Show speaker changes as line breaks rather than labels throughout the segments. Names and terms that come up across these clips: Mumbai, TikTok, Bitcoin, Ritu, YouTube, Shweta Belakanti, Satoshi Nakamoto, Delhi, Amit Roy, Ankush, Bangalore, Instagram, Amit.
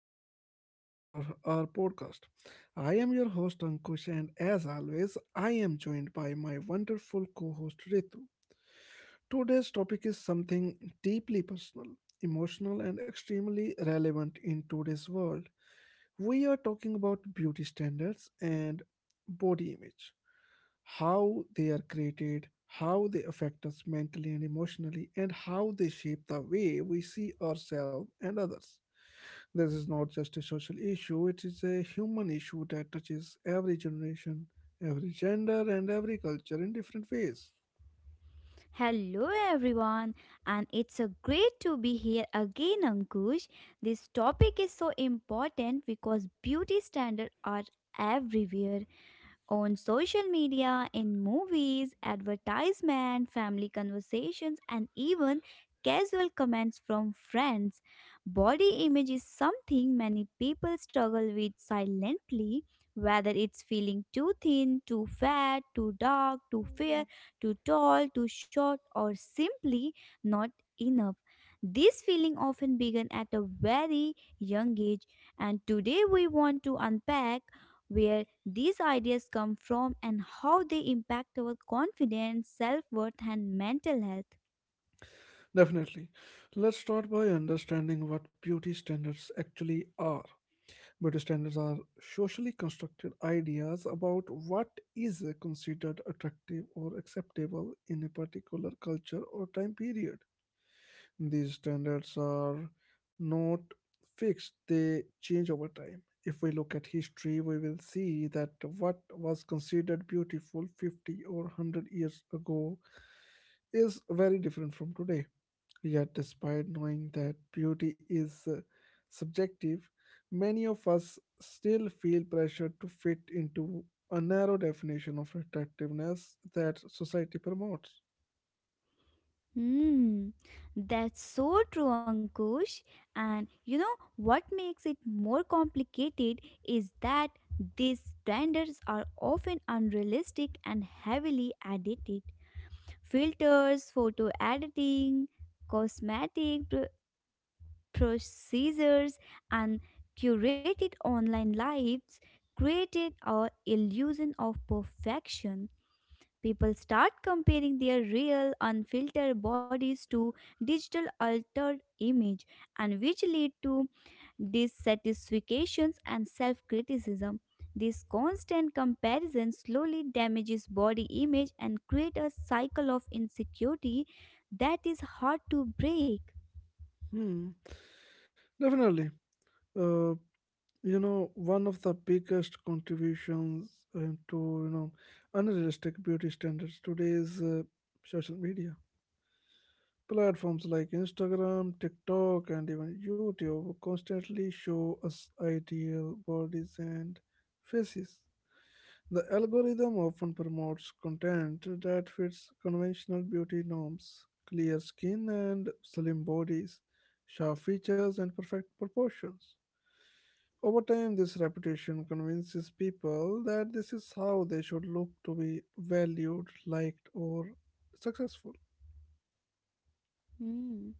to another episode of our podcast. I am your host, Ankush, and as always, I am joined by my wonderful co host, Ritu. Today's topic is something deeply personal, emotional, and extremely relevant in today's world. We are talking about beauty standards and body image, how they are created, how they affect us mentally and emotionally, and how they shape the way we see ourselves and others. This is not just a social issue, it is a human issue that touches every generation, every gender, and every culture in different ways.
Hello everyone, and it's a great to be here again, Ankush. This topic is so important because beauty standards are everywhere on social media, in movies, advertisement, family conversations, and even casual comments from friends. Body image is something many people struggle with silently, whether it's feeling too thin, too fat, too dark, too fair, too tall, too short, or simply not enough. This feeling often began at a very young age, and today we want to unpack where these ideas come from and how they impact our confidence, self worth, and mental health.
Definitely. Let's start by understanding what beauty standards actually are. Beauty standards are socially constructed ideas about what is considered attractive or acceptable in a particular culture or time period. These standards are not fixed, they change over time. If we look at history, we will see that what was considered beautiful 50 or 100 years ago is very different from today. Yet, despite knowing that beauty is subjective, many of us still feel pressure to fit into a narrow definition of attractiveness that society promotes.
Hmm, that's so true, Ankush. And you know what makes it more complicated is that these standards are often unrealistic and heavily edited. Filters, photo editing, cosmetic procedures, and curated online lives created a illusion of perfection. People start comparing their real unfiltered bodies to digital altered image and which lead to dissatisfactions and self-criticism. This constant comparison slowly damages body image and create a cycle of insecurity that is hard to break.
Hmm, definitely. Uh, You know, one of the biggest contributions to unrealistic beauty standards today is social media. Platforms like Instagram, TikTok, and even YouTube constantly show us ideal bodies and faces. The algorithm often promotes content that fits conventional beauty norms, clear skin and slim bodies, sharp features, and perfect proportions. Over time, this reputation convinces people that this is how they should look to be valued, liked, or successful.
Hmm.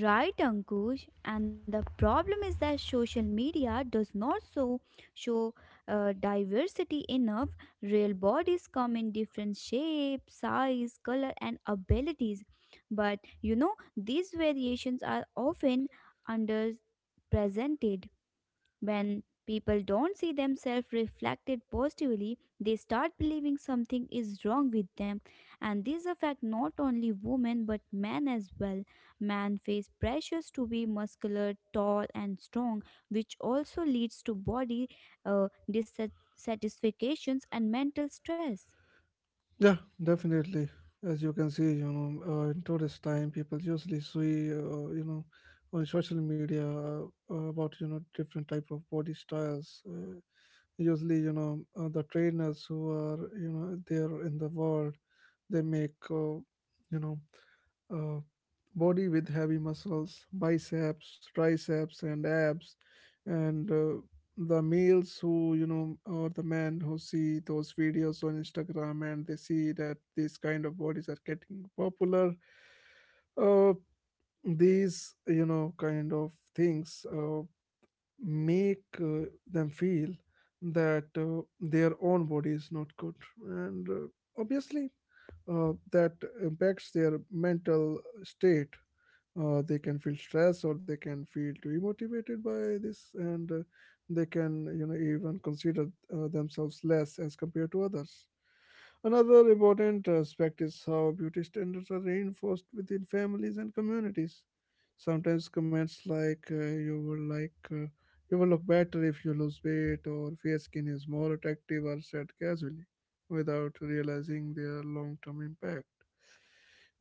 Right, Ankush. And the problem is that social media does not so show diversity enough. Real bodies come in different shapes, size, color, and abilities. But you know, these variations are often underrepresented. When people don't see themselves reflected positively, they start believing something is wrong with them, and this affects not only women but men as well. Men face pressures to be muscular, tall, and strong, which also leads to body dissatisfactions and mental stress.
Yeah, definitely. As you can see, in today's time, people usually see, on social media about different type of body styles. Usually you know The trainers who are there in the world, they make you know uh, body with heavy muscles, biceps, triceps, and abs. And the males who or the men who see those videos on Instagram, and they see that these kind of bodies are getting popular. Uh, these you know kind of things Uh, make them feel that their own body is not good, and obviously that impacts their mental state. They can feel stressed or they can feel demotivated by this, and they can even consider themselves less as compared to others. Another important aspect is how beauty standards are reinforced within families and communities. Sometimes comments like you will look better if you lose weight, or fair skin is more attractive, are said casually without realizing their long-term impact.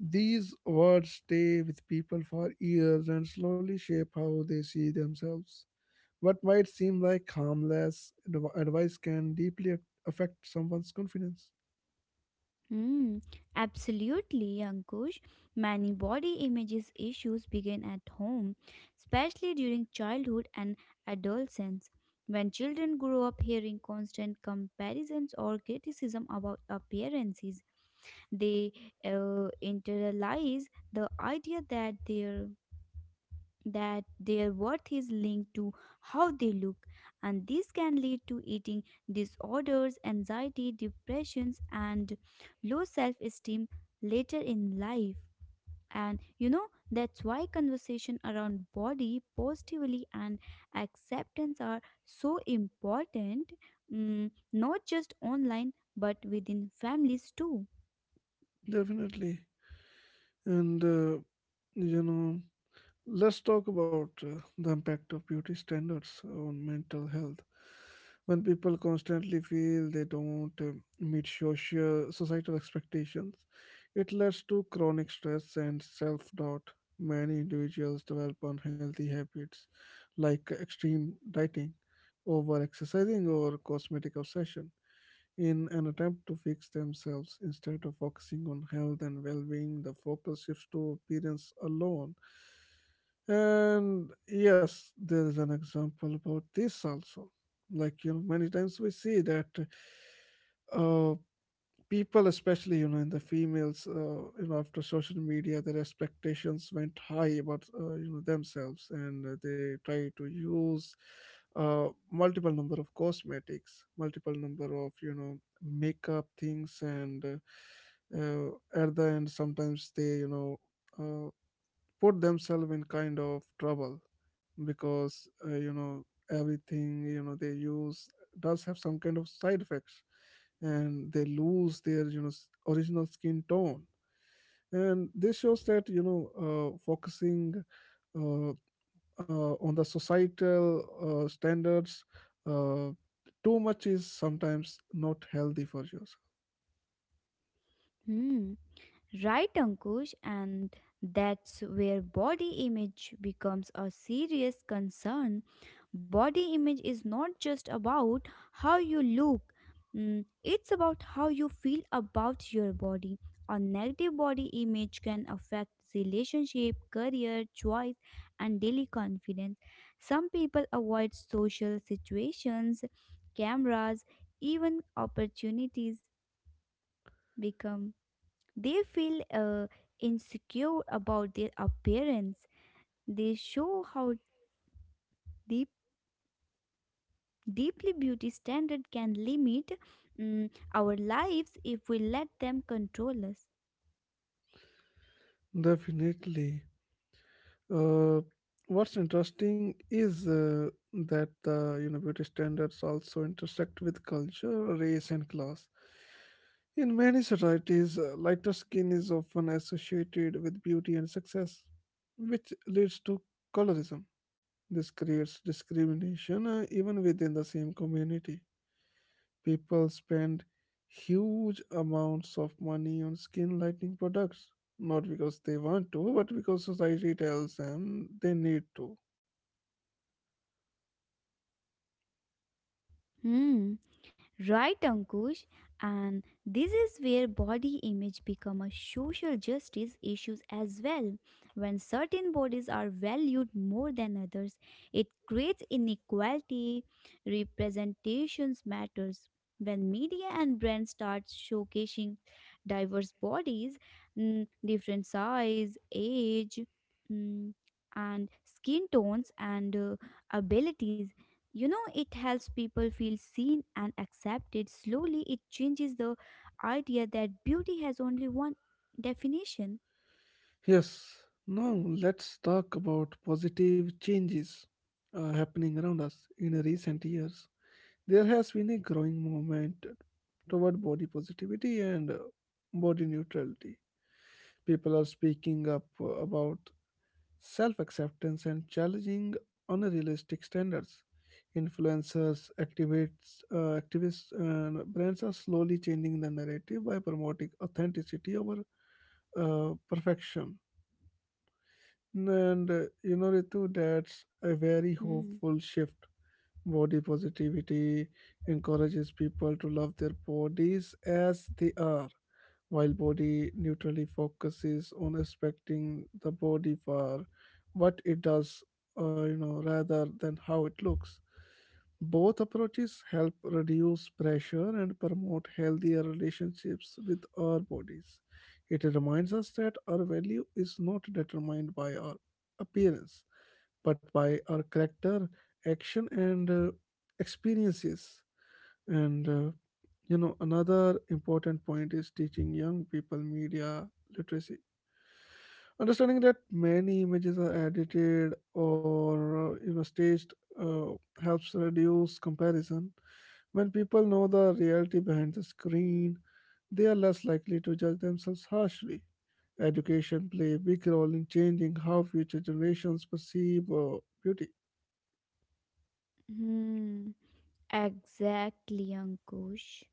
These words stay with people for years and slowly shape how they see themselves. What might seem like advice can deeply affect someone's confidence.
Mm, absolutely, Ankush. Many body images issues begin at home, especially during childhood and adolescence. When children grow up hearing constant comparisons or criticism about appearances, they internalize the idea that their worth is linked to how they look, and this can lead to eating disorders, anxiety, depressions, and low self esteem later in life. And you know, that's why conversation around body positively and acceptance are so important, mm, not just online but within families too.
Definitely. And, uh, you know, Let's talk about the impact of beauty standards on mental health. When people constantly feel they don't meet social societal expectations, it leads to chronic stress and self-doubt. Many individuals develop unhealthy habits like extreme dieting, over exercising, or cosmetic obsession. In an attempt to fix themselves instead of focusing on health and well being, the focus shifts to appearance alone. And yes, there is an example about this also. Many times we see that uh, people, especially in the females, after social media, their expectations went high about themselves, and they try to use multiple number of cosmetics, multiple number of makeup things, and at the end, sometimes they uh, put themselves in kind of trouble, because everything they use does have some kind of side effects, and they lose their original skin tone. And this shows that focusing uh, on the societal standards uh, too much is sometimes not healthy for yourself.
Hmm. Right, Ankush, and that's where body image becomes a serious concern. Body image is not just about how you look, mm, it's about how you feel about your body. A negative body image can affect relationship, career, choice, and daily confidence. Some people avoid social situations, cameras, even opportunities become they feel insecure about their appearance. They show how deep, deeply beauty standard can limit, mm, our lives if we let them control us.
Definitely. Uh, what's interesting is that the you know beauty standards also intersect with culture, race, and class. In many societies, lighter skin is often associated with beauty and success, which leads to colorism. This creates discrimination even within the same community. People spend huge amounts of money on skin lightening products, not because they want to, but because society tells them they need to.
Hmm, right, Ankush. And this is where body image become a social justice issues as well. When certain bodies are valued more than others, it creates inequality. Representations matters. When media and brands start showcasing diverse bodies, mm, different size, age, mm, and skin tones and abilities, you know, it helps people feel seen and accepted. Slowly, it changes the idea that beauty has only one definition.
Yes, now let's talk about positive changes happening around us in recent years. There has been a growing movement toward body positivity and body neutrality. People are speaking up about self acceptance and challenging unrealistic standards. Influencers, activists, and brands are slowly changing the narrative by promoting authenticity over perfection. And
Hmm.
Ritu, that's a very hopeful shift. Body positivity encourages people to love their bodies as they are, while body neutrally focuses on respecting the body for what it does, rather than how it looks. Both approaches help reduce pressure and promote healthier relationships with our bodies. It reminds us that our value is not determined by our appearance, but by our character, action, and experiences. And another important point is teaching young people media literacy. Understanding that many images are edited or staged uh, helps reduce comparison. When people know the reality behind the screen, they are less likely to judge themselves harshly. Education play a big role in changing how future generations perceive beauty.
Hmm, exactly, Ankush.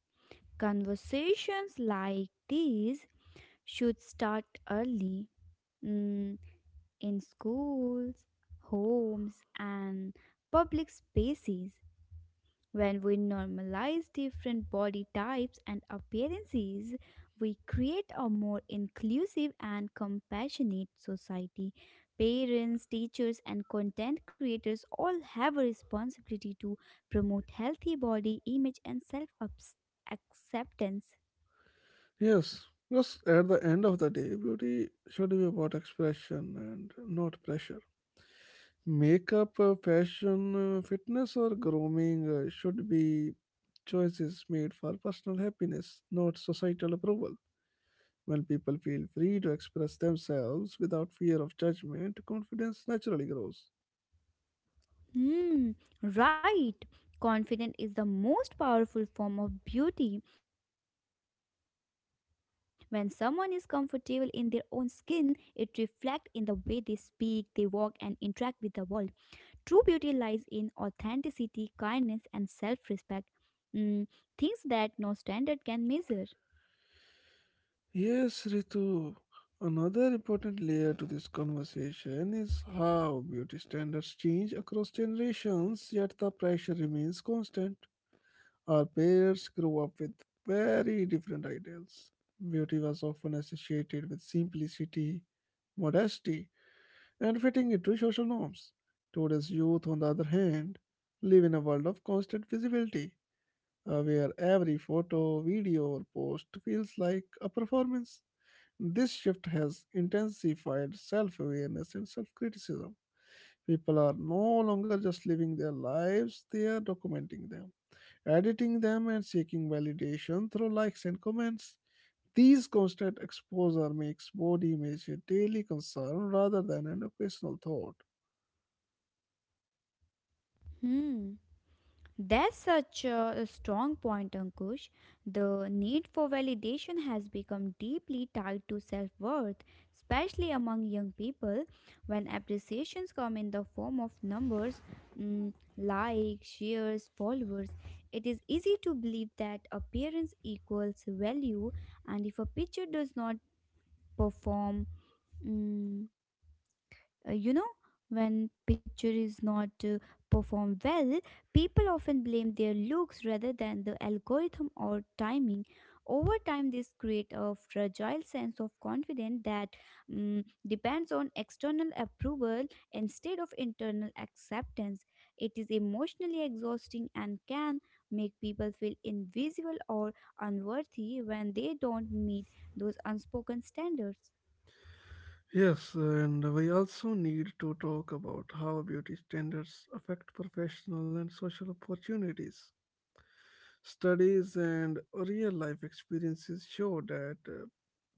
Conversations like these should start early. Hmm, in schools, homes, and public spaces. When we normalize different body types and appearances, we create a more inclusive and compassionate society. Parents, teachers, and content creators all have a responsibility to promote healthy body image and self acceptance.
Yes, because at the end of the day, beauty should be about expression and not pressure. Makeup, fashion, fitness, or grooming should be choices made for personal happiness, not societal approval. When people feel free to express themselves without fear of judgment, confidence naturally grows.
Hmm, right. Confidence is the most powerful form of beauty. When someone is comfortable in their own skin, it reflects in the way they speak, they walk, and interact with the world. True beauty lies in authenticity, kindness, and self respect. Hmm, things that no standard can measure.
Yes, Ritu. Another important layer to this conversation is how beauty standards change across generations, yet the pressure remains constant. Our parents grew up with very different ideals. Beauty was often associated with simplicity, modesty, and fitting into social norms. Today's youth, on the other hand, live in a world of constant visibility, where every photo, video, or post feels like a performance. This shift has intensified self awareness and self criticism. People are no longer just living their lives, they are documenting them, editing them, and seeking validation through likes and comments. These constant exposure makes body image a daily concern rather than an occasional thought.
Hmm. That's such a strong point, Ankush. The need for validation has become deeply tied to self worth, especially among young people. When appreciations come in the form of numbers, mm, likes, shares, followers, it is easy to believe that appearance equals value, and if a picture does not perform, mm, you know, when picture is not performed well, people often blame their looks rather than the algorithm or timing. Over time, this creates a fragile sense of confidence that, mm, depends on external approval instead of internal acceptance. It is emotionally exhausting and can make people feel invisible or unworthy when they don't meet those unspoken standards.
Yes, and we also need to talk about how beauty standards affect professional and social opportunities. Studies and real life experiences show that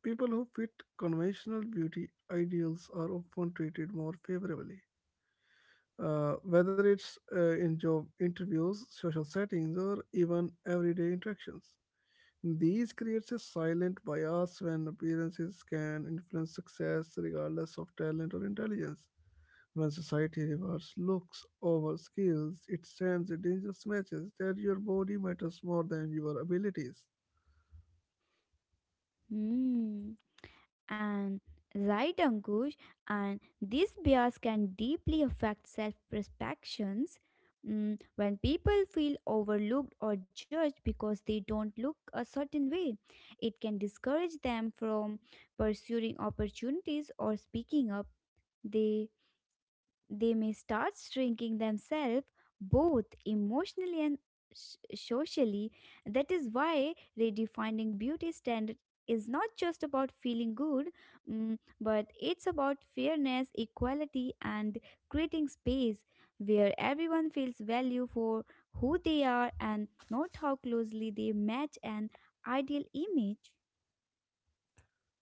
people who fit conventional beauty ideals are often treated more favorably. Whether it's in job interviews, social settings, or even everyday interactions. These creates a silent bias when appearances can influence success regardless of talent or intelligence. When society rewards looks over skills, it sends a dangerous message that your body matters more than your abilities.
Hmm. And right, Ankush, and this bias can deeply affect self-perceptions. Mm, when people feel overlooked or judged because they don't look a certain way, it can discourage them from pursuing opportunities or speaking up. They may start shrinking themselves both emotionally and socially. That is why redefining beauty standard is not just about feeling good, mm, but it's about fairness, equality, and creating space where everyone feels value for who they are and not how closely they match an ideal image.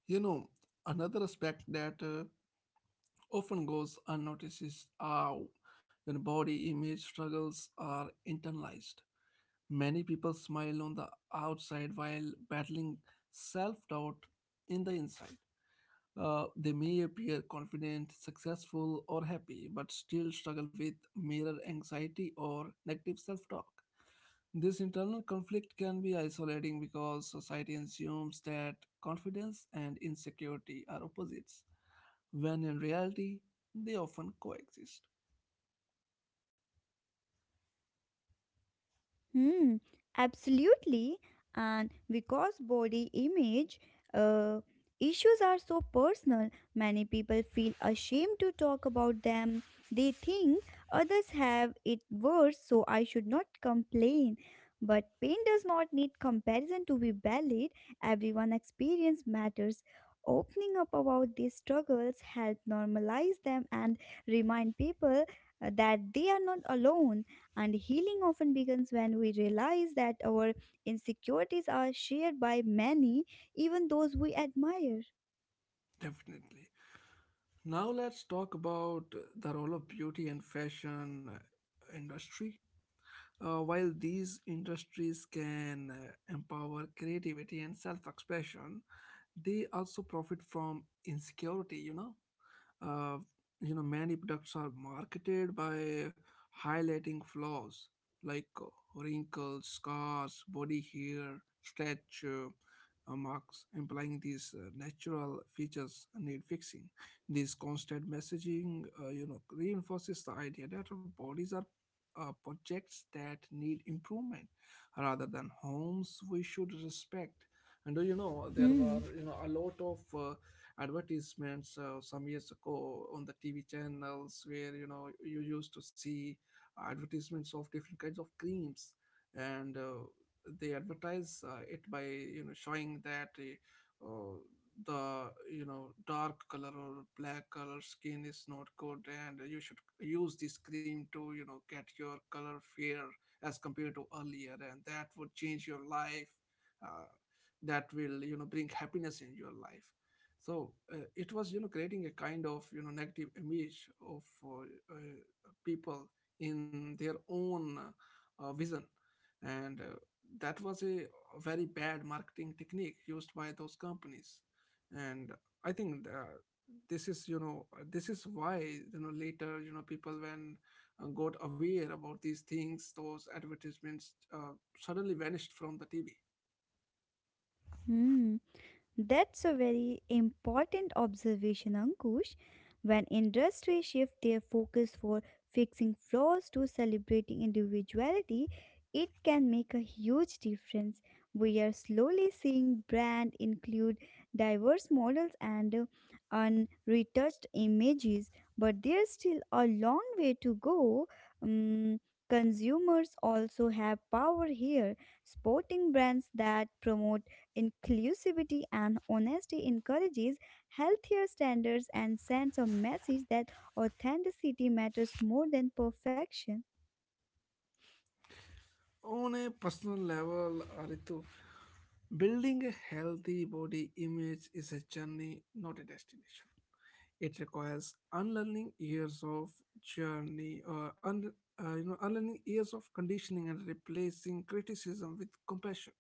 You know, another aspect that often goes unnoticed is how when body image struggles are internalized. Many people smile on the outside while battling self doubt in the inside. They may appear confident, successful, or happy, but still struggle with mirror anxiety or negative self talk. This internal conflict can be isolating because society assumes that confidence and insecurity are opposites, when in reality they often coexist.
Hmm, absolutely. And because body image uh, issues are so personal, many people feel ashamed to talk about them. They think others have it worse, so I should not complain. But pain does not need comparison to be valid. Everyone experience matters. Opening up about these struggles help normalize them and remind people that they are not alone. And healing often begins when we realize that our insecurities are shared by many, even those we admire.
Definitely. Now let's talk about the role of beauty and fashion industry. While these industries can empower creativity and self-expression, they also profit from insecurity. Uh, Many products are marketed by highlighting flaws like wrinkles, scars, body hair, stretch marks, implying these natural features need fixing. This constant messaging, reinforces the idea that our bodies are projects that need improvement rather than homes we should respect. And do you know there were
Hmm.
a lot of advertisements some years ago on the TV channels, where you used to see advertisements of different kinds of creams. And they advertise it by showing that the dark color or black color skin is not good, and you should use this cream to get your color fair as compared to earlier, and that would change your life, uh, that will bring happiness in your life. So it was creating a kind of negative image of uh, people in their own vision. And that was a very bad marketing technique used by those companies. And I think this is why later, people, when got aware about these things, those advertisements suddenly vanished from the TV.
Hmm. That's a very important observation, Ankush. When industries shift their focus for fixing flaws to celebrating individuality, it can make a huge difference. We are slowly seeing brands include diverse models and unretouched images, but there's still a long way to go. Um, consumers also have power here. Sporting brands that promote inclusivity and honesty encourages healthier standards and sends a message that authenticity matters more than perfection.
On a personal level, Ritu, building a healthy body image is a journey, not a destination. It requires unlearning years of journey, or un, unlearning years of conditioning and replacing criticism with compassion.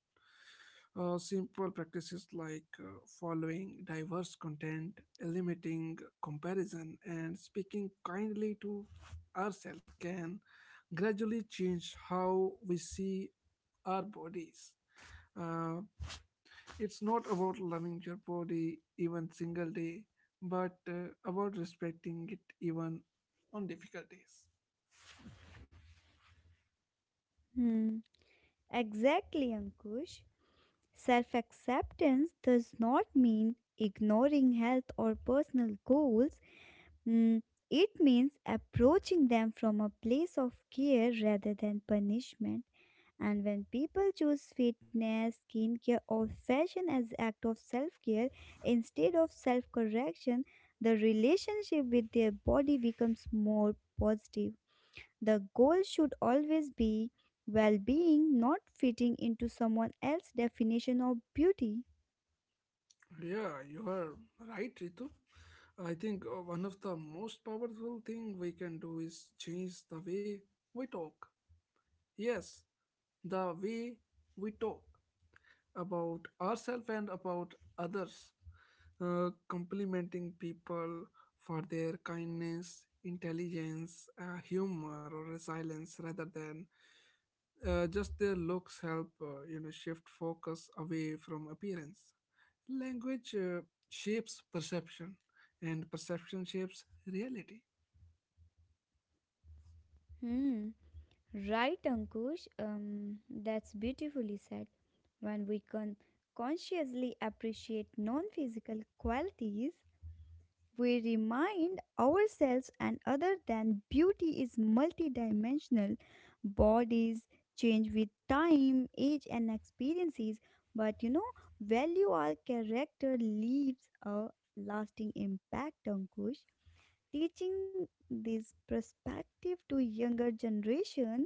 Simple practices like following diverse content, limiting comparison, and speaking kindly to ourselves can gradually change how we see our bodies. Uh, it's not about loving your body even single day, but about respecting it even on difficult days.
Hmm. Exactly, Ankush. Self acceptance does not mean ignoring health or personal goals. Hmm. It means approaching them from a place of care rather than punishment. And when people choose fitness, skincare, or fashion as act of self-care instead of self-correction, the relationship with their body becomes more positive. The goal should always be well-being, not fitting into someone else's definition of beauty.
Yeah, you are right, Ritu. I think one of the most powerful thing we can do is change the way we talk. Yes, the way we talk about ourselves and about others. Complimenting people for their kindness, intelligence, humor, or resilience rather than just their looks help shift focus away from appearance. Language shapes perception, and perception shapes reality.
Hmm. Right, Ankush. That's beautifully said. When we can consciously appreciate non physical qualities, we remind ourselves and other that beauty is multidimensional. Bodies change with time age and experiences, but you know, value our character leaves a lasting impact, Ankush. Teaching this perspective to younger generation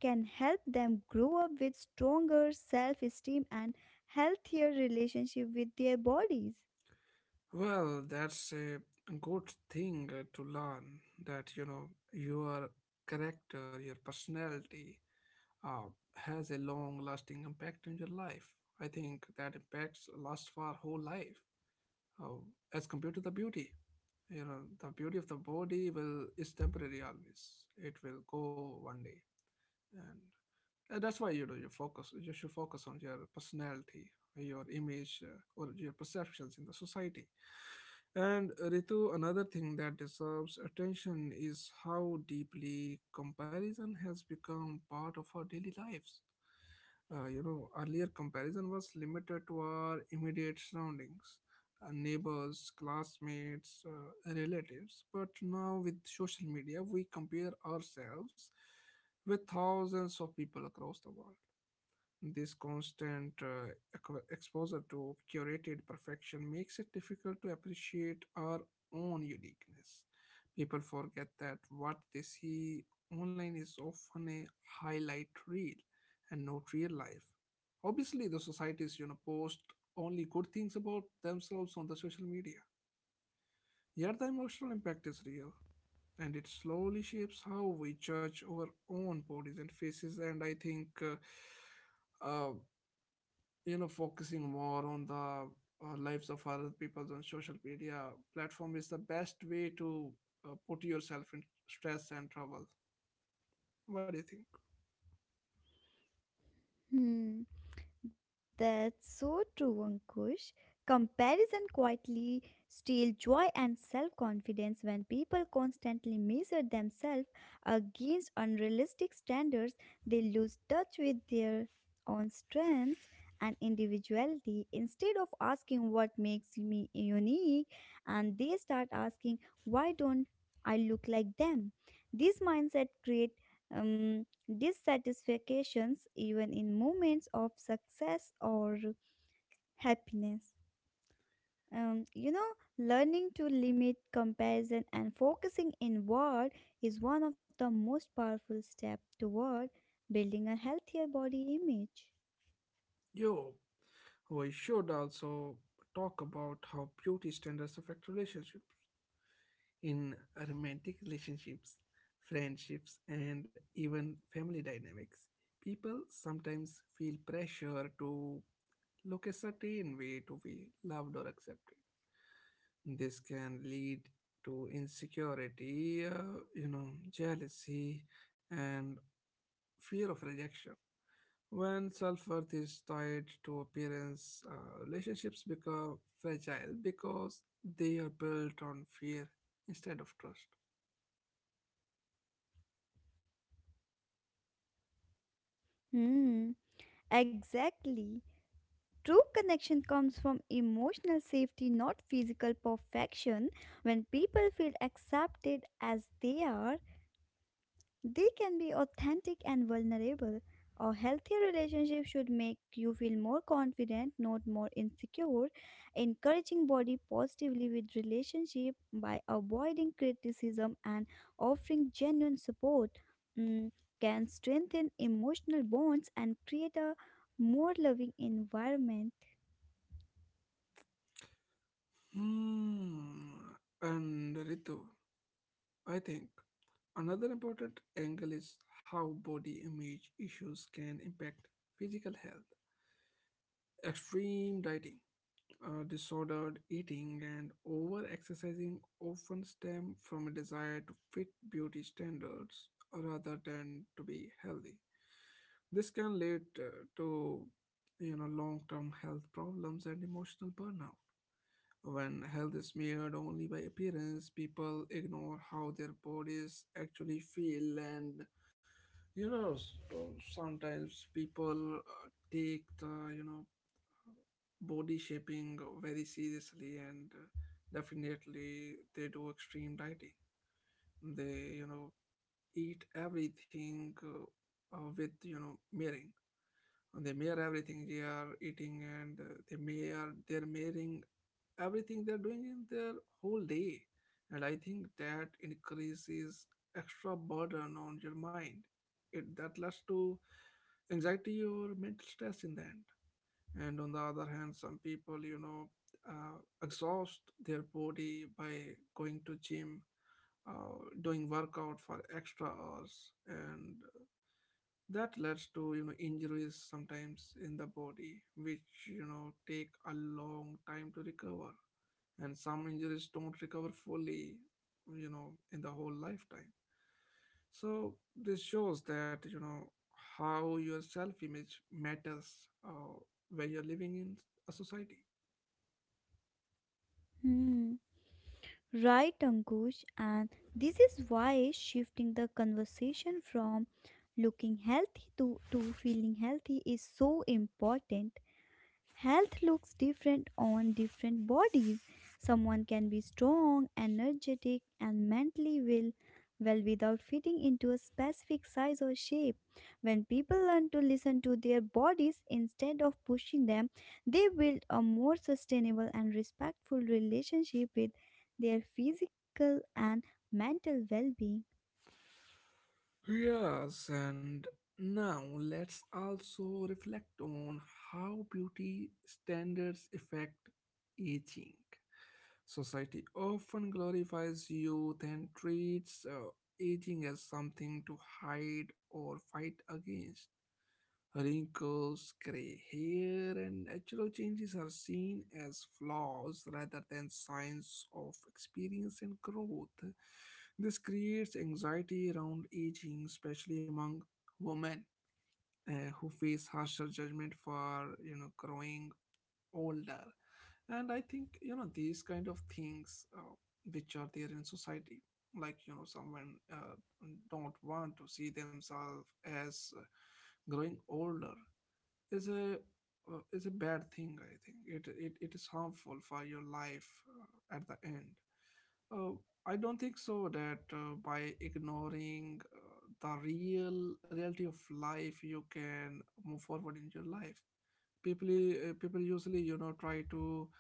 can help them grow up with stronger self-esteem and healthier relationship with their bodies.
Well, that's a good thing to learn that your character, your personality, uh, has a long-lasting impact on your life. I think that impacts last for whole life, uh, as compared to the beauty. The beauty of the body will is temporary, always it will go one day. And, and that's why you should focus on your personality, your image, or your perceptions in the society. And Ritu, another thing that deserves attention is how deeply comparison has become part of our daily lives. Earlier, comparison was limited to our immediate surroundings, neighbors, classmates, relatives. But now, with social media, we compare ourselves with thousands of people across the world. This constant exposure to curated perfection makes it difficult to appreciate our own uniqueness. People forget that what they see online is often a highlight reel and not real life. Obviously, the societies, post only good things about themselves on the social media. Yet the emotional impact is real, and it slowly shapes how we judge our own bodies and faces. And I think uh, focusing more on the lives of other people on social media platform is the best way to put yourself in stress and trouble. What do you think?
Hmm. That's so true, Ankush. Comparison quietly steals joy and self confidence when people constantly measure themselves against unrealistic standards. They lose touch with their own strengths and individuality. Instead of asking what makes me unique, and they start asking, why don't I look like them? This mindset creates dissatisfactions even in moments of success or happiness. You know, learning to limit comparison and focusing inward is one of the most powerful steps toward building a healthier body image.
Yo, we should also talk about how beauty standards affect relationships, in romantic relationships, friendships, and even family dynamics. People sometimes feel pressure to look a certain way to be loved or accepted. This can lead to insecurity, jealousy, and fear of rejection. When self worth is tied to appearance, relationships become fragile because they are built on fear instead of trust.
Hmm, exactly. True connection comes from emotional safety, not physical perfection. When people feel accepted as they are, they can be authentic and vulnerable. A healthy relationship should make you feel more confident, not more insecure. Encouraging body positively with relationship by avoiding criticism and offering genuine support, mm, can strengthen emotional bonds and create a more loving environment.
Hmm. And Ritu, I think another important angle is how body image issues can impact physical health. Extreme dieting, disordered eating and over exercising often stem from a desire to fit beauty standards rather than to be healthy. This can lead to long-term health problems and emotional burnout. When health is measured only by appearance, people ignore how their bodies actually feel, and you know s- sometimes people take the body shaping very seriously, and definitely they do extreme dieting. They eat everything with mirroring, and they mirror everything they are eating. And they're mirroring everything they're doing in their whole day. And I think that increases extra burden on your mind. It That leads to anxiety or mental stress in the end. And on the other hand, some people exhaust their body by going to gym, doing workout for extra hours, and that leads to injuries sometimes in the body, which take a long time to recover. And some injuries don't recover fully in the whole lifetime. So this shows that how your self-image matters, where you're living in a society.
Hmm. Right, Ankush, and this is why shifting the conversation from looking healthy to feeling healthy is so important. Health looks different on different bodies. Someone can be strong, energetic, and mentally well, well without fitting into a specific size or shape. When people learn to listen to their bodies instead of pushing them, they build a more sustainable and respectful relationship with their physical and mental well being.
Yes, and now let's also reflect on how beauty standards affect aging. Society often glorifies youth and treats aging as something to hide or fight against. Wrinkles, gray hair, and natural changes are seen as flaws rather than signs of experience and growth. This creates anxiety around aging, especially among women who face harsher judgment for growing older. And I think these kind of things which are there in society, like someone don't want to see themselves as growing older, is a is a bad thing. I think it is harmful for your life at the end. uh, I don't think so that by ignoring the real reality of life you can move forward in your life. People usually try to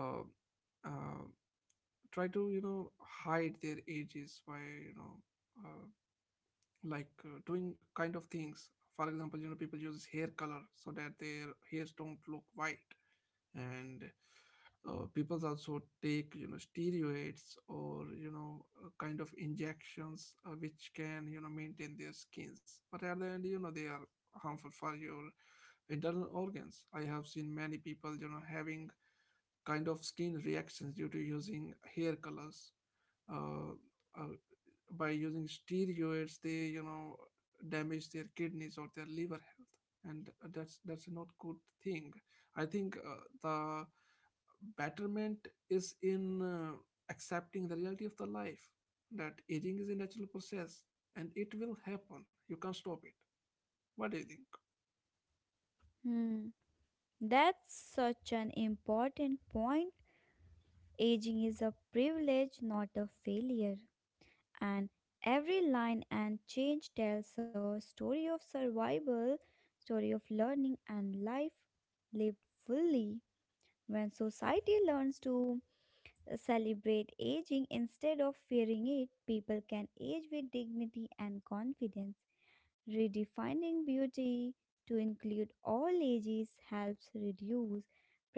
uh, uh, hide their ages by uh, like doing kind of things. For example, people use hair color so that their hairs don't look white. And people also take steroids or kind of injections which can maintain their skins, but at the end they are harmful for your internal organs. I have seen many people having kind of skin reactions due to using hair colors. Uh, uh, by using steroids, they damage their kidneys or their liver health, and that's not good thing. I think the betterment is in accepting the reality of the life, that aging is a natural process and it will happen. You can't stop it. What do you think?
Hmm. That's such an important point. Aging is a privilege, not a failure. And every line and change tells a story of survival, story of learning and life lived fully. When society learns to celebrate aging instead of fearing it, people can age with dignity and confidence. Redefining beauty to include all ages helps reduce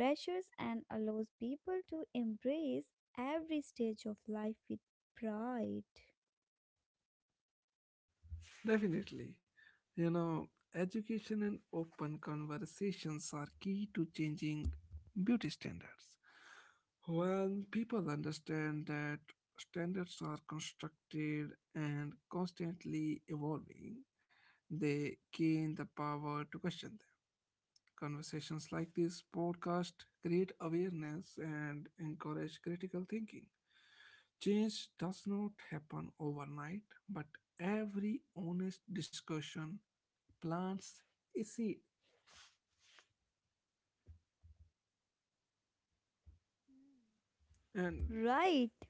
pressures and allows people to embrace every stage of life with pride.
Definitely. You know, Education and open conversations are key to changing beauty standards. When people understand that standards are constructed and constantly evolving, they gain the power to question them. Conversations like this podcast create awareness and encourage critical thinking. Change does not happen overnight, but every honest discussion plants is it and
Right.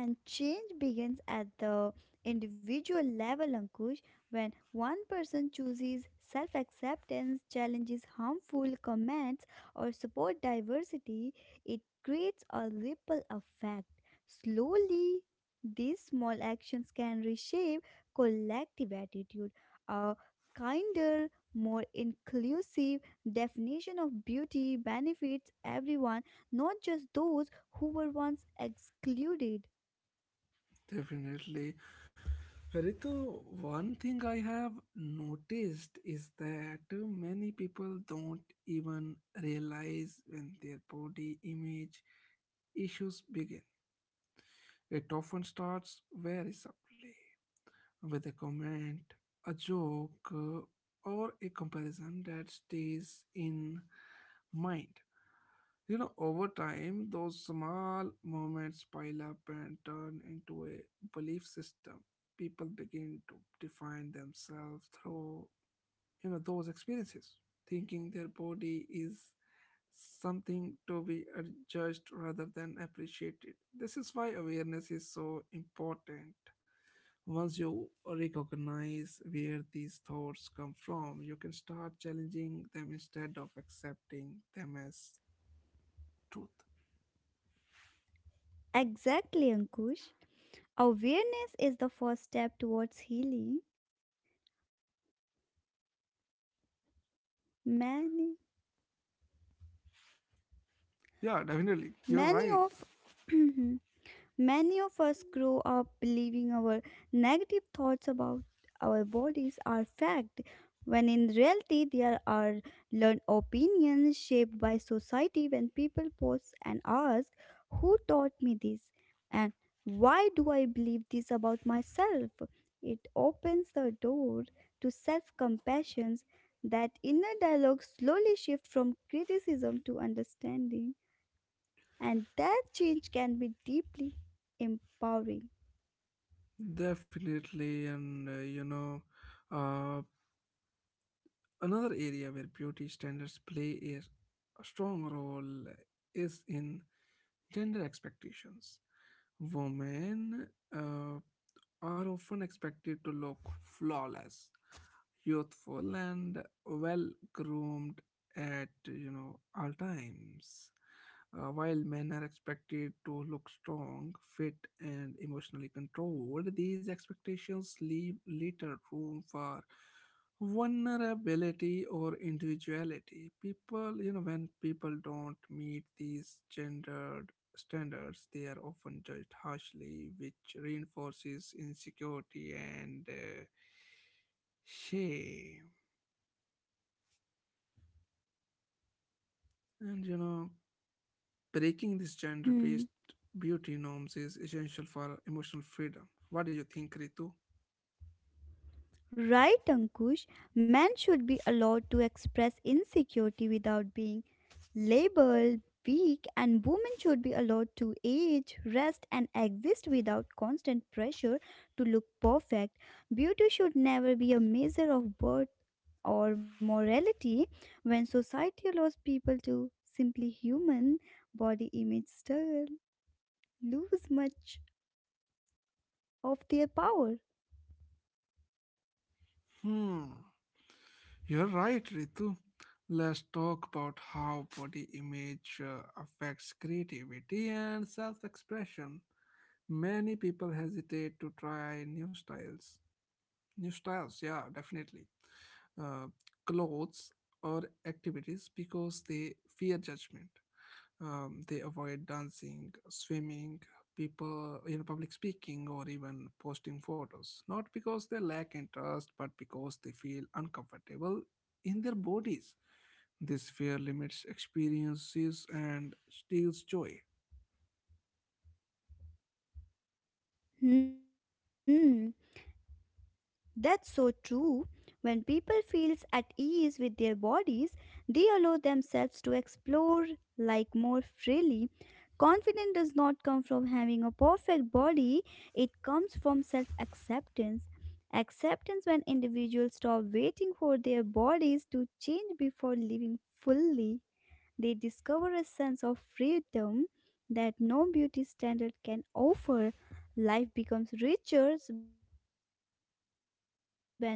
And change begins at the individual level, Ankush, when one person chooses self acceptance, challenges harmful comments, or support diversity, it creates a ripple effect. Slowly, these small actions can reshape collective attitude. A kinder, more inclusive definition of beauty benefits everyone, not just those who were once excluded.
definitely, Ritu, one thing I have noticed is that many people don't even realize when their body image issues begin. It often starts very subtly with a comment, a joke, or a comparison that stays in mind. Over time, those small moments pile up and turn into a belief system. People begin to define themselves through, you know, those experiences, thinking their body is something to be judged rather than appreciated. This is why awareness is so important. Once you recognize where these thoughts come from, you can start challenging them instead of accepting them as truth.
Exactly, Ankush. Awareness is the first step towards healing. Many,
Yeah, definitely. You're
many
right.
of many of us grow up believing our negative thoughts about our bodies are fact, when in reality, there are learned opinions shaped by society when people pause and ask, who taught me this? And why do I believe this about myself? It opens the door to self compassion. That inner dialogue slowly shifts from criticism to understanding, and that change can be deeply empowering.
Definitely. Anduh, another area where beauty standards play is a strong role is in gender expectations. Women uh, are often expected to look flawless, youthful, and well groomed at all times, while men are expected to look strong, fit, and emotionally controlled. These expectations leave little room for vulnerability or individuality. People you know When people don't meet these gendered standards, they are often judged harshly, which reinforces insecurity and shame. And breaking these gender
Hmm.
based beauty norms is essential for emotional freedom. What do you think, Ritu?
Right, Ankush, men should be allowed to express insecurity without being labeled weak, and women should be allowed to age, rest, and exist without constant pressure to look perfect. Beauty should never be a measure of worth or morality. When society allows people to simply human, body image still lose much of their power.
Hmm. You're right, Ritu. Let's talk about how body image affects creativity and self expression. Many people hesitate to try new styles. New styles, yeah, definitely. Uh, Clothes or activities because they fear judgment. They avoid dancing, swimming, people, public speaking, or even posting photos. Not because they lack interest, but because they feel uncomfortable in their bodies. This fear limits experiences and steals joy.
Hmm, that's so true. When people feels at ease with their bodies, they allow themselves to explore like more freely. Confidence does not come from having a perfect body, it comes from self-acceptance. Acceptance when individuals stop waiting for their bodies to change before living fully, they discover a sense of freedom that no beauty standard can offer. Life becomes richer participate without apology.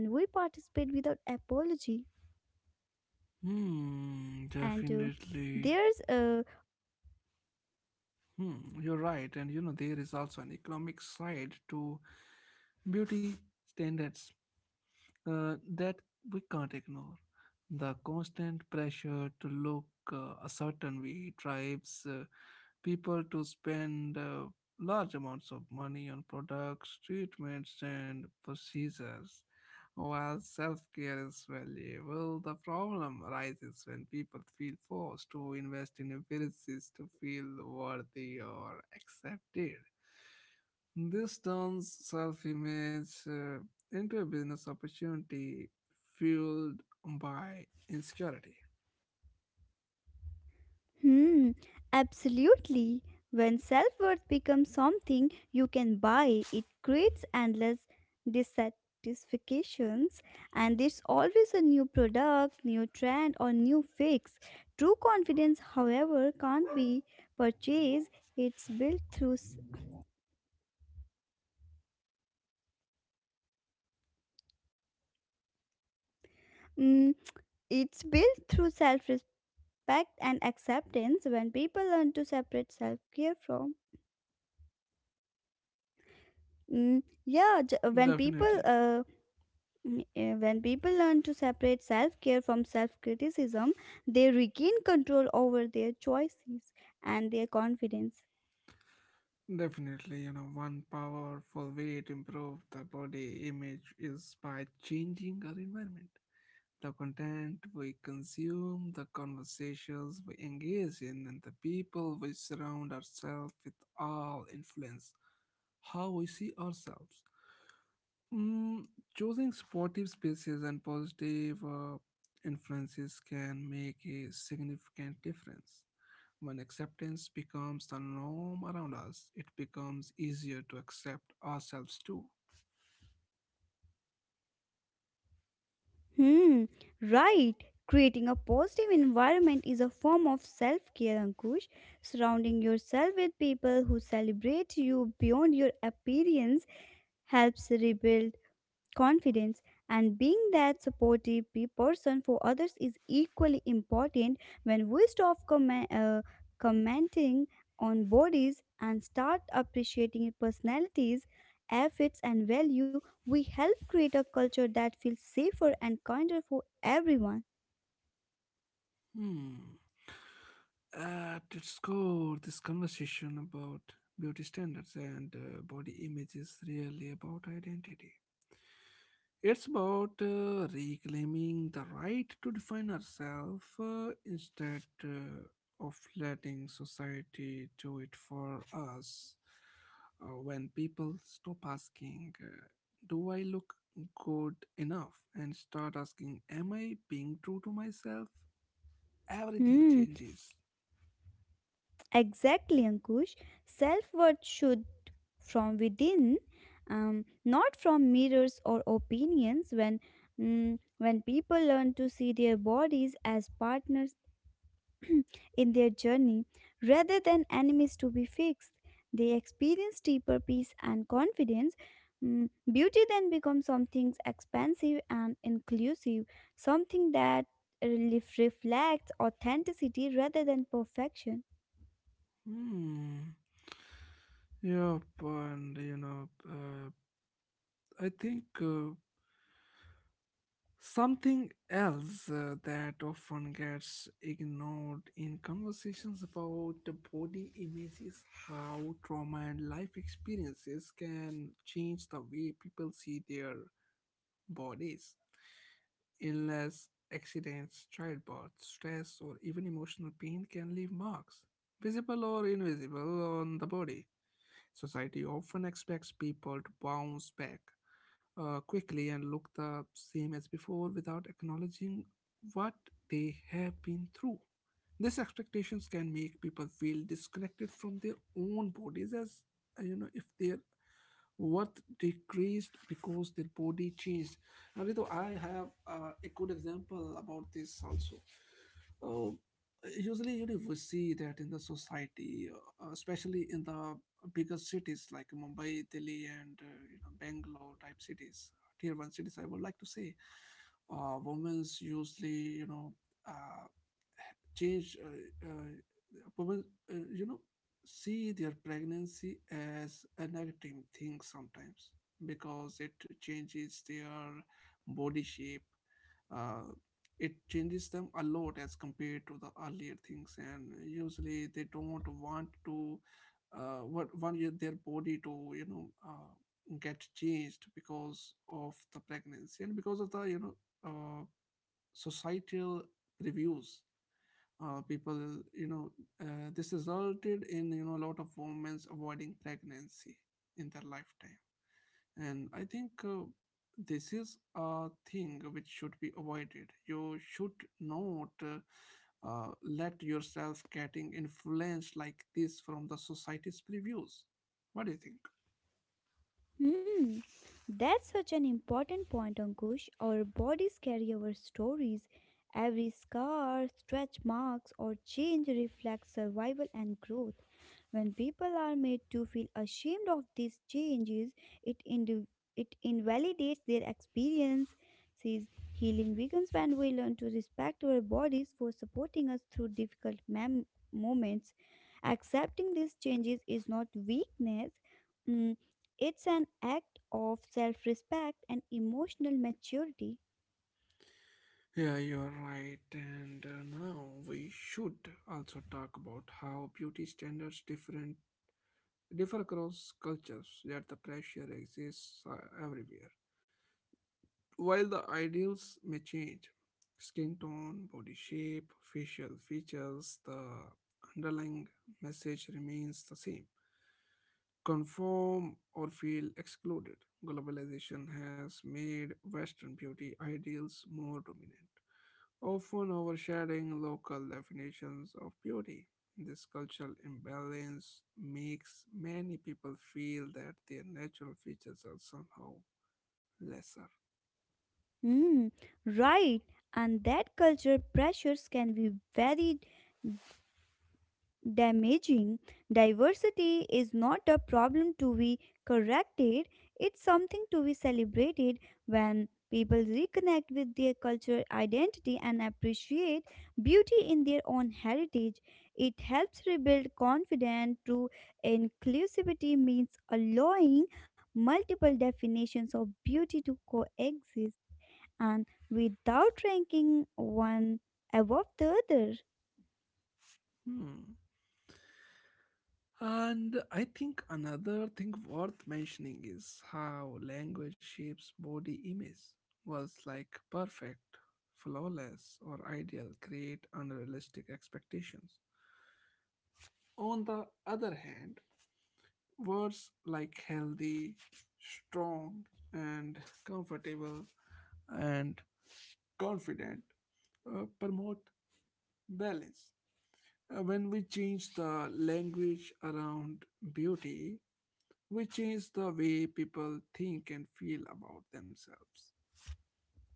And
Hmm,
there's a
definitely. Hmm, you're right. And there is also an economic side to beauty standards that we can't ignore. The constant pressure to look a certain way drives people to spend large amounts of money on products, treatments, and procedures. While self care is valuable, the problem arises when people feel forced to invest in appearances to feel worthy or accepted. This turns self image into a business opportunity fueled by insecurity.
hmm, Absolutely. When self worth becomes something you can buy, it creates endless dissatisfactions, and there's always a new product, new trend, or new fix. True confidence, however, can't be purchased. It's built through s- mm, it's built through self respect and acceptance when people learn to separate self care from Mm, yeah, j- when people
Definitely.
mm, eh, when people learn to separate self care from self criticism, they regain control over their choices and their confidence.
Definitely, one powerful way to improve the body image is by changing our environment. The content we consume, the conversations we engage in, and the people we surround ourselves with all influence how we see ourselves. Mm, Choosing supportive spaces and positive influences can make a significant difference. When acceptance becomes the norm around us, it becomes easier to accept ourselves too.
Hmm. Right. Creating a positive environment is a form of self care, Ankush. Surrounding yourself with people who celebrate you beyond your appearance helps rebuild confidence and being that supportive person for others is equally important when we stop commenting on bodies and start appreciating personalities efforts and value we help create a culture that feels safer and kinder for everyone.
Hmm. At its core, this conversation about beauty standards and body image is really about identity. It's about reclaiming the right to define ourselves instead of letting society do it for us. When people stop asking, "Do I look good enough?" and start asking, "Am I being true to myself?" Everything
Hmm.
changes.
Exactly, Ankush. Self-worth should from within, not from mirrors or opinions. When people learn to see their bodies as partners in their journey rather than enemies to be fixed, they experience deeper peace and confidence. Mm, beauty then becomes something expansive and inclusive, something that reflects authenticity rather than perfection.
Hmm. Yep, and you know, I think. Something else that often gets ignored in conversations about the body image is how trauma and life experiences can change the way people see their bodies. Illness, accidents, childbirth, stress, or even emotional pain can leave marks, visible or invisible, on the body. Society often expects people to bounce back quickly and look the same as before without acknowledging what they have been through. These expectations can make people feel disconnected from their own bodies as if their worth decreased because their body changed. Now, Ritu, I have a good example about this also. Uh, Usually, you know, we see that in the society, especially in the bigger cities like Mumbai, Delhi, and Bangalore type cities, tier one cities. I would like to say, women's usually, you know, uh, change women, uh, you know see their pregnancy as a negative thing sometimes because it changes their body shape, uh, it changes them a lot as compared to the earlier things, and usually they don't want to their body to you know uh, get changed because of the pregnancy and because of the uh, societal reviews, people, this resulted in, you know, a lot of women avoiding pregnancy in their lifetime. And I think this is a thing which should be avoided. You should not let yourself getting influenced like this from the society's previews. What do you think?
Hmm, that's such an important point, Ankush. Our bodies carry our stories. Every scar, stretch marks, or change reflects survival and growth. When people are made to feel ashamed of these changes, it, indi- it invalidates their experience. Says healing begins when we learn to respect our bodies for supporting us through difficult moments. Accepting these changes is not weakness. Hmm. It's an act of self respect and emotional maturity.
Yeah, you're right, and now we should also talk about how beauty standards differ across cultures, yet the pressure exists everywhere. While the ideals may change, skin tone, body shape, facial features, the underlying message remains the same. Conform or feel excluded. Globalization has made Western beauty ideals more dominant, often overshadowing local definitions of beauty. This cultural imbalance makes many people feel that their natural features are somehow lesser.
Hmm, right. And that cultural pressures can be very damaging. Diversity is not a problem to be corrected, it's something to be celebrated when people reconnect with their cultural identity and appreciate beauty in their own heritage. It helps rebuild confidence through inclusivity, means allowing multiple definitions of beauty to coexist and without ranking one above the other.
Hmm. And I think another thing worth mentioning is how language shapes body image. Words like perfect, flawless, or ideal create unrealistic expectations. On the other hand, words like healthy, strong, and comfortable and confident promote balance. When we change the language around beauty, we change the way people think and feel about themselves.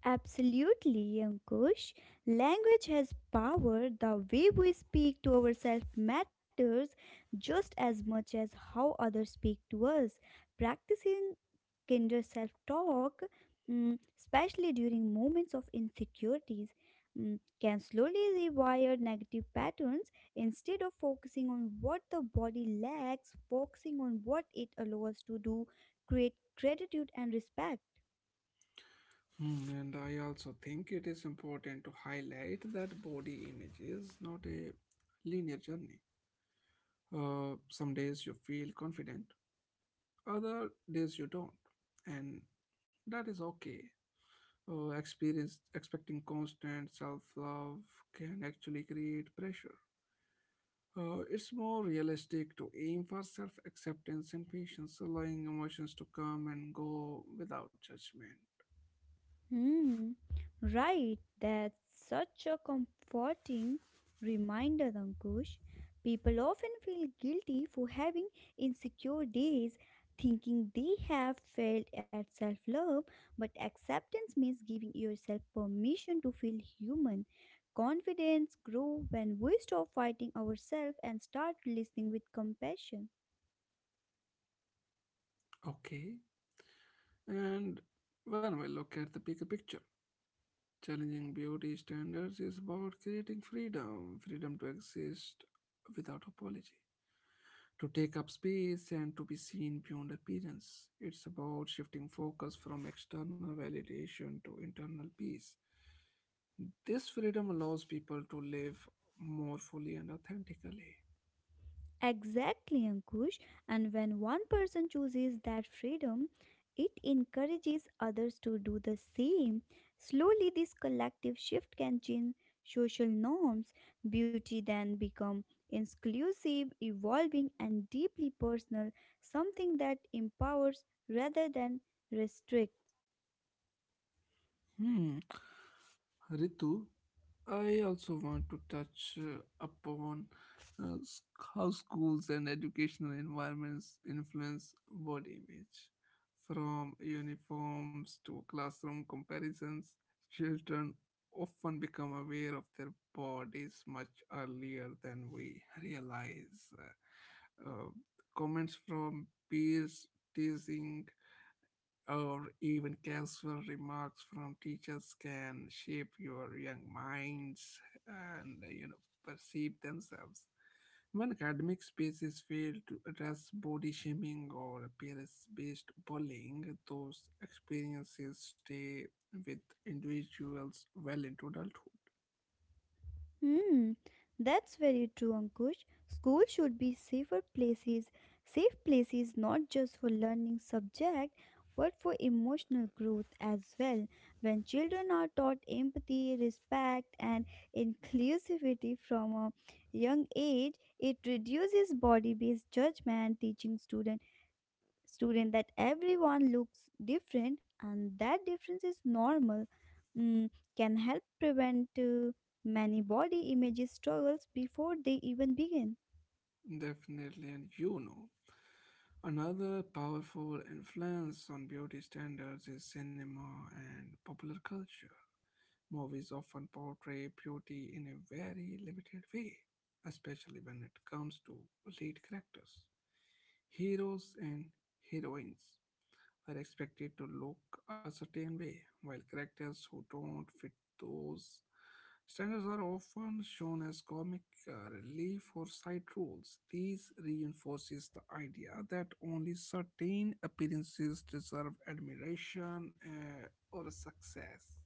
Absolutely, Ankush. Language has power. The way we speak to ourselves matters just as much as how others speak to us. Practicing kinder self talk, especially during moments of insecurities, mm, can slowly rewire negative patterns instead of focusing on what the body lacks, focusing on what it allows to do, create gratitude and respect.
Hmm. And I also think it is important to highlight that body image is not a linear journey. Some days you feel confident, other days you don't, and that is okay. Experience Expecting constant self love can actually create pressure. It's more realistic to aim for self acceptance and patience, allowing emotions to come and go without judgment.
Hmm, right. That's such a comforting reminder, Ankush. People often feel guilty for having insecure days, thinking they have failed at self love, but acceptance means giving yourself permission to feel human. Confidence grows when we stop fighting ourselves and start listening with compassion.
Okay, and when we look at the bigger picture, challenging beauty standards is about creating freedom, freedom to exist without apology, to take up space and to be seen beyond appearance. It's about shifting focus from external validation to internal peace. This freedom allows people to live more fully and authentically.
Exactly, Ankush. And when one person chooses that freedom, it encourages others to do the same. Slowly, this collective shift can change social norms. Beauty then become inclusive, evolving, and deeply personal, something that empowers rather than restricts.
Hmm. Ritu, I also want to touch upon uh, s- how schools and educational environments influence body image. From uniforms to classroom comparisons, children often become aware of their bodies much earlier than we realize. Comments from peers, teasing, or even casual remarks from teachers can shape your young minds and perceive themselves. When academic spaces fail to address body shaming or appearance-based bullying, those experiences stay with individuals well into adulthood.
Hmm, that's very true, Ankush. School should be safer places, safe places not just for learning subject, but for emotional growth as well. When children are taught empathy, respect, and inclusivity from a young age, it reduces body-based judgment, teaching students student that everyone looks different and that difference is normal. Mm, can help prevent many body image struggles before they even begin.
Definitely, and you know, another powerful influence on beauty standards is cinema and popular culture. Movies often portray beauty in a very limited way, especially when it comes to lead characters. Heroes and heroines are expected to look a certain way, while characters who don't fit those standards are often shown as comic relief or side roles. These reinforces the idea that only certain appearances deserve admiration or success.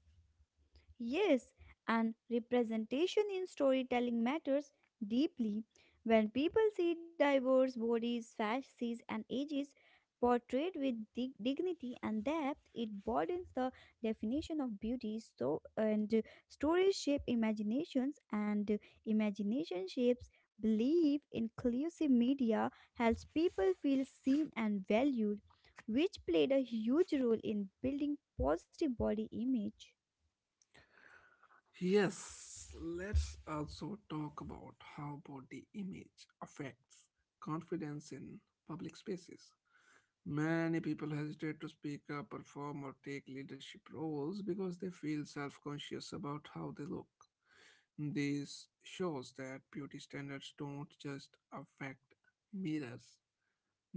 Yes, and representation in storytelling matters deeply. When people see diverse bodies, faces, and ages portrayed with dignity and depth, it broadens the definition of beauty. So, and Stories shape imaginations, and imagination shapes belief. Inclusive media helps people feel seen and valued, which played a huge role in building positive body image.
Yes, let's also talk about how body image affects confidence in public spaces. Many people hesitate to speak up, perform, or take leadership roles because they feel self conscious about how they look. This shows that beauty standards don't just affect mirrors,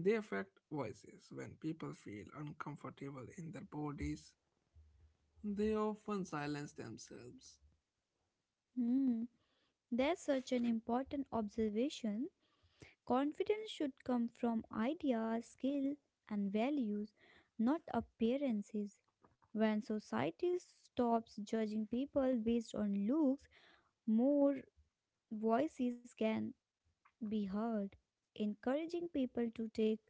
they affect voices. When people feel uncomfortable in their bodies, they often silence themselves.
Hmm. That's such an important observation. Confidence should come from ideas, skill, and values, not appearances. When society stops judging people based on looks, more voices can be heard. Encouraging people to take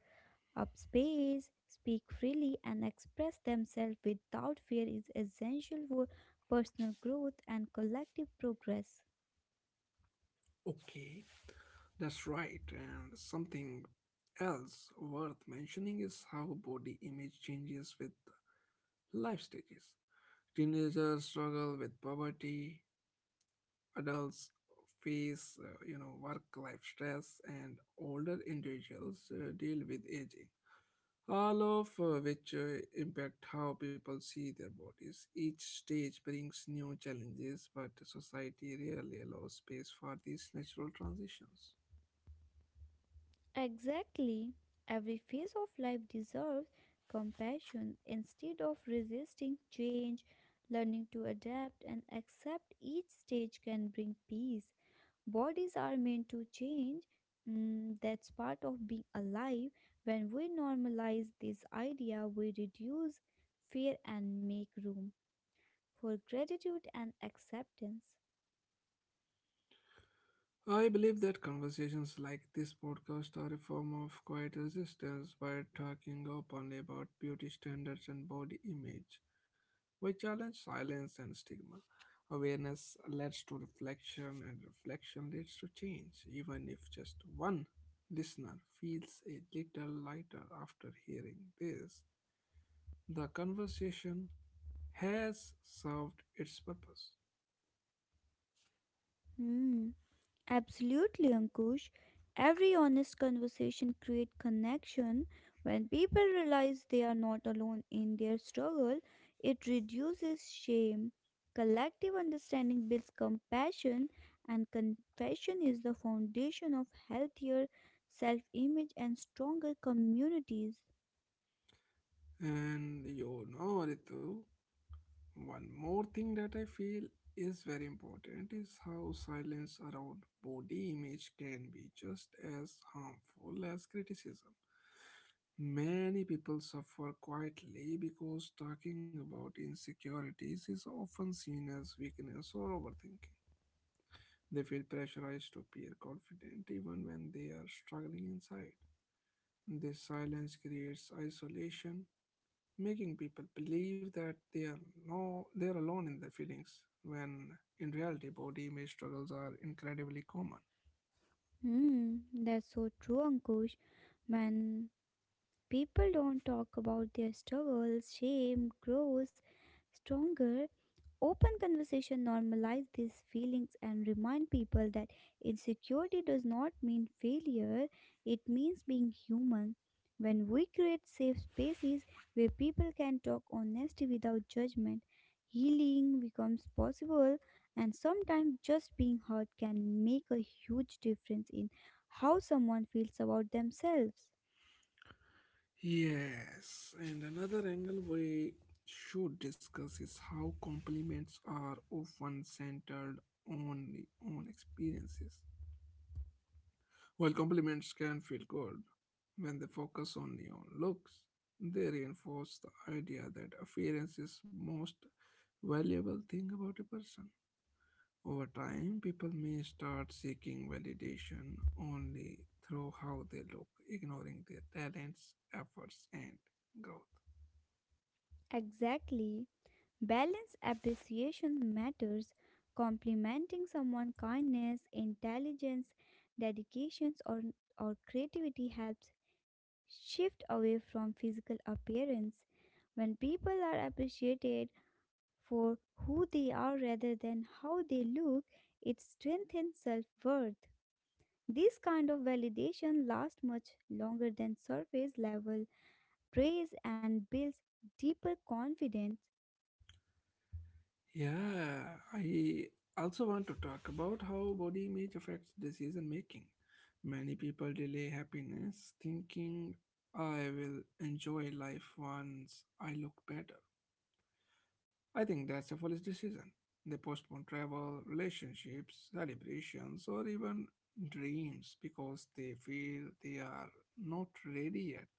up space, speak freely, and express themselves without fear is essential for personal growth and collective progress.
Okay, that's right, and something else worth mentioning is how body image changes with life stages. Teenagers struggle with poverty, adults face, you know, work-life stress, and older individuals deal with aging. All of which impact how people see their bodies. Each stage brings new challenges, but society rarely allows space for these natural transitions.
Exactly. Every phase of life deserves compassion instead of resisting change. Learning to adapt and accept each stage can bring peace. Bodies are meant to change. Mm, that's part of being alive. When we normalize this idea, we reduce fear and make room for gratitude and acceptance.
I believe that conversations like this podcast are a form of quiet resistance. By talking openly about beauty standards and body image, we challenge silence and stigma. Awareness leads to reflection, and reflection leads to change, even if just one listener feels a little lighter after hearing this. The conversation has served its purpose.
Hmm. Absolutely, Ankush. Every honest conversation creates connection. When people realize they are not alone in their struggle, it reduces shame. Collective understanding builds compassion, and compassion is the foundation of healthier self image and stronger communities.
And you know, Ritu, one more thing that I feel is very important is how silence around body image can be just as harmful as criticism. Many people suffer quietly because talking about insecurities is often seen as weakness or overthinking. They feel pressurized to appear confident even when they are struggling inside. This silence creates isolation, making people believe that they are no they're alone in their feelings, when in reality body image struggles are incredibly common.
Hmm, that's so true, Ankush. When people don't talk about their struggles, shame grows stronger. Open conversation normalize these feelings and remind people that insecurity does not mean failure, it means being human. When we create safe spaces where people can talk honestly without judgment, healing becomes possible, and sometimes just being heard can make a huge difference in how someone feels about themselves.
Yes, and another angle we should discuss is how compliments are often centered only on experiences. While compliments can feel good, when they focus only on looks they reinforce the idea that appearance is most valuable thing about a person. Over time, people may start seeking validation only through how they look, ignoring their talents, efforts, and growth.
Exactly. Balance appreciation matters. Complimenting someone's kindness, intelligence, dedications, or creativity helps shift away from physical appearance. When people are appreciated for who they are rather than how they look, it strengthens self worth. This kind of validation lasts much longer than surface level praise and builds deeper confidence.
Yeah, I also want to talk about how body image affects decision making. Many people delay happiness thinking, I will enjoy life once I look better. I think that's a foolish decision. They postpone travel, relationships, celebrations, or even dreams because they feel they are not ready yet.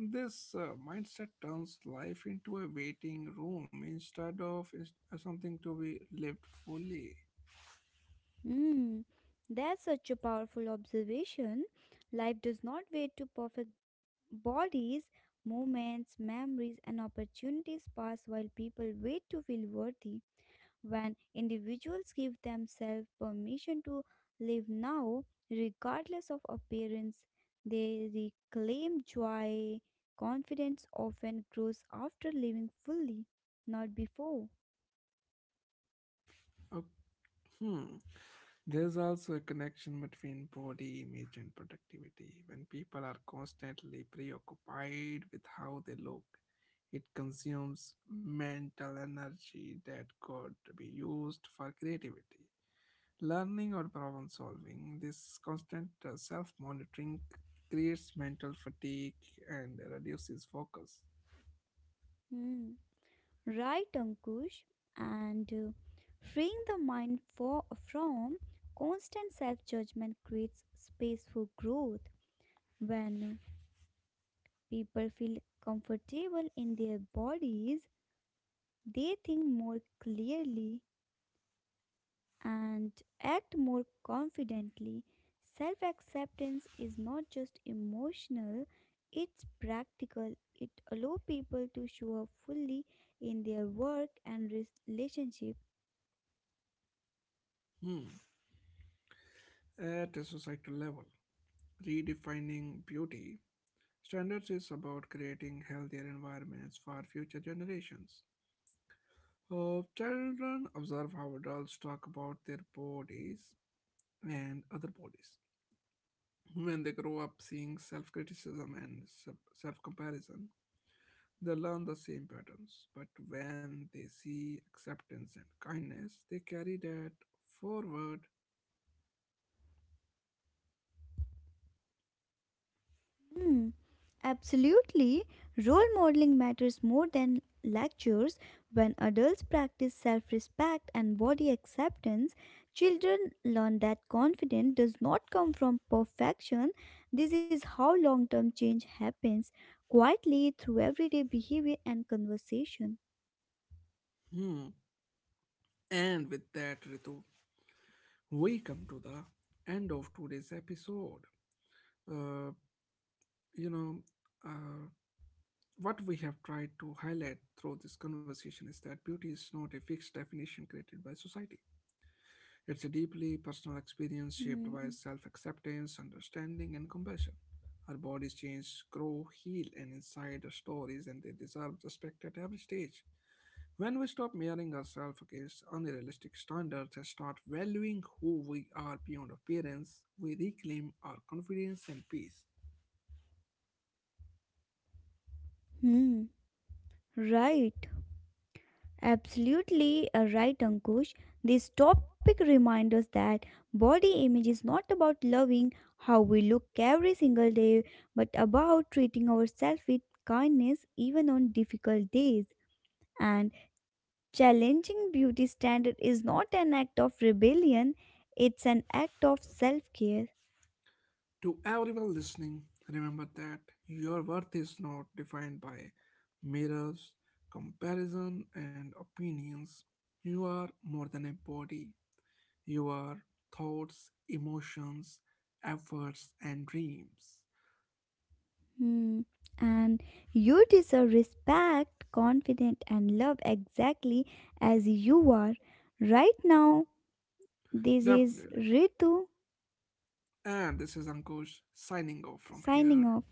This mindset turns life into a waiting room instead of something to be lived fully.
Mm, that's such a powerful observation. Life does not wait to perfect bodies, moments, memories, and opportunities pass while people wait to feel worthy. When individuals give themselves permission to live now, regardless of appearance, they reclaim joy. Confidence often grows after living fully, not before.
Uh, hmm. There is also a connection between body image and productivity. When people are constantly preoccupied with how they look, it consumes mental energy that could be used for creativity, learning, or problem solving. This constant self monitoring creates mental fatigue and reduces focus.
Mm. Right, Ankush, and freeing the mind from constant self judgment creates space for growth. When people feel comfortable in their bodies, they think more clearly and act more confidently. Self acceptance is not just emotional, it's practical. It allows people to show up fully in their work and relationships.
Hmm. At a societal level, redefining beauty standards is about creating healthier environments for future generations. Children observe how adults talk about their bodies and other bodies. When they grow up seeing self criticism and self comparison, they learn the same patterns. But when they see acceptance and kindness, they carry that forward.
Hmm, absolutely. Role modeling matters more than lectures. When adults practice self respect and body acceptance, children learn that confidence does not come from perfection. This is how long term change happens quietly through everyday behavior and conversation.
Hmm. And with that, Ritu, we come to the end of today's episode. Uh, you know, uh, What we have tried to highlight through this conversation is that beauty is not a fixed definition created by society. It's a deeply personal experience shaped by
Hmm.
self acceptance, understanding, and compassion. Our bodies change, grow, heal, and inside are stories, and they deserve respect at every stage. When we stop measuring ourselves against unrealistic standards and start valuing who we are beyond appearance, we reclaim our confidence and peace.
Hmm. Right. Absolutely right, Ankush. This topic reminds us that body image is not about loving how we look every single day, but about treating ourselves with kindness even on difficult days. And challenging beauty standard is not an act of rebellion; it's an act of self-care.
To everyone listening, remember that your worth is not defined by mirrors, comparison, and opinions. You are more than a body. You are thoughts, emotions, efforts, and dreams.
Hmm. And you deserve respect, confidence, and love exactly as you are right now. This is
Definitely.
Ritu
And this is Ankush signing off from
signing
here.
off.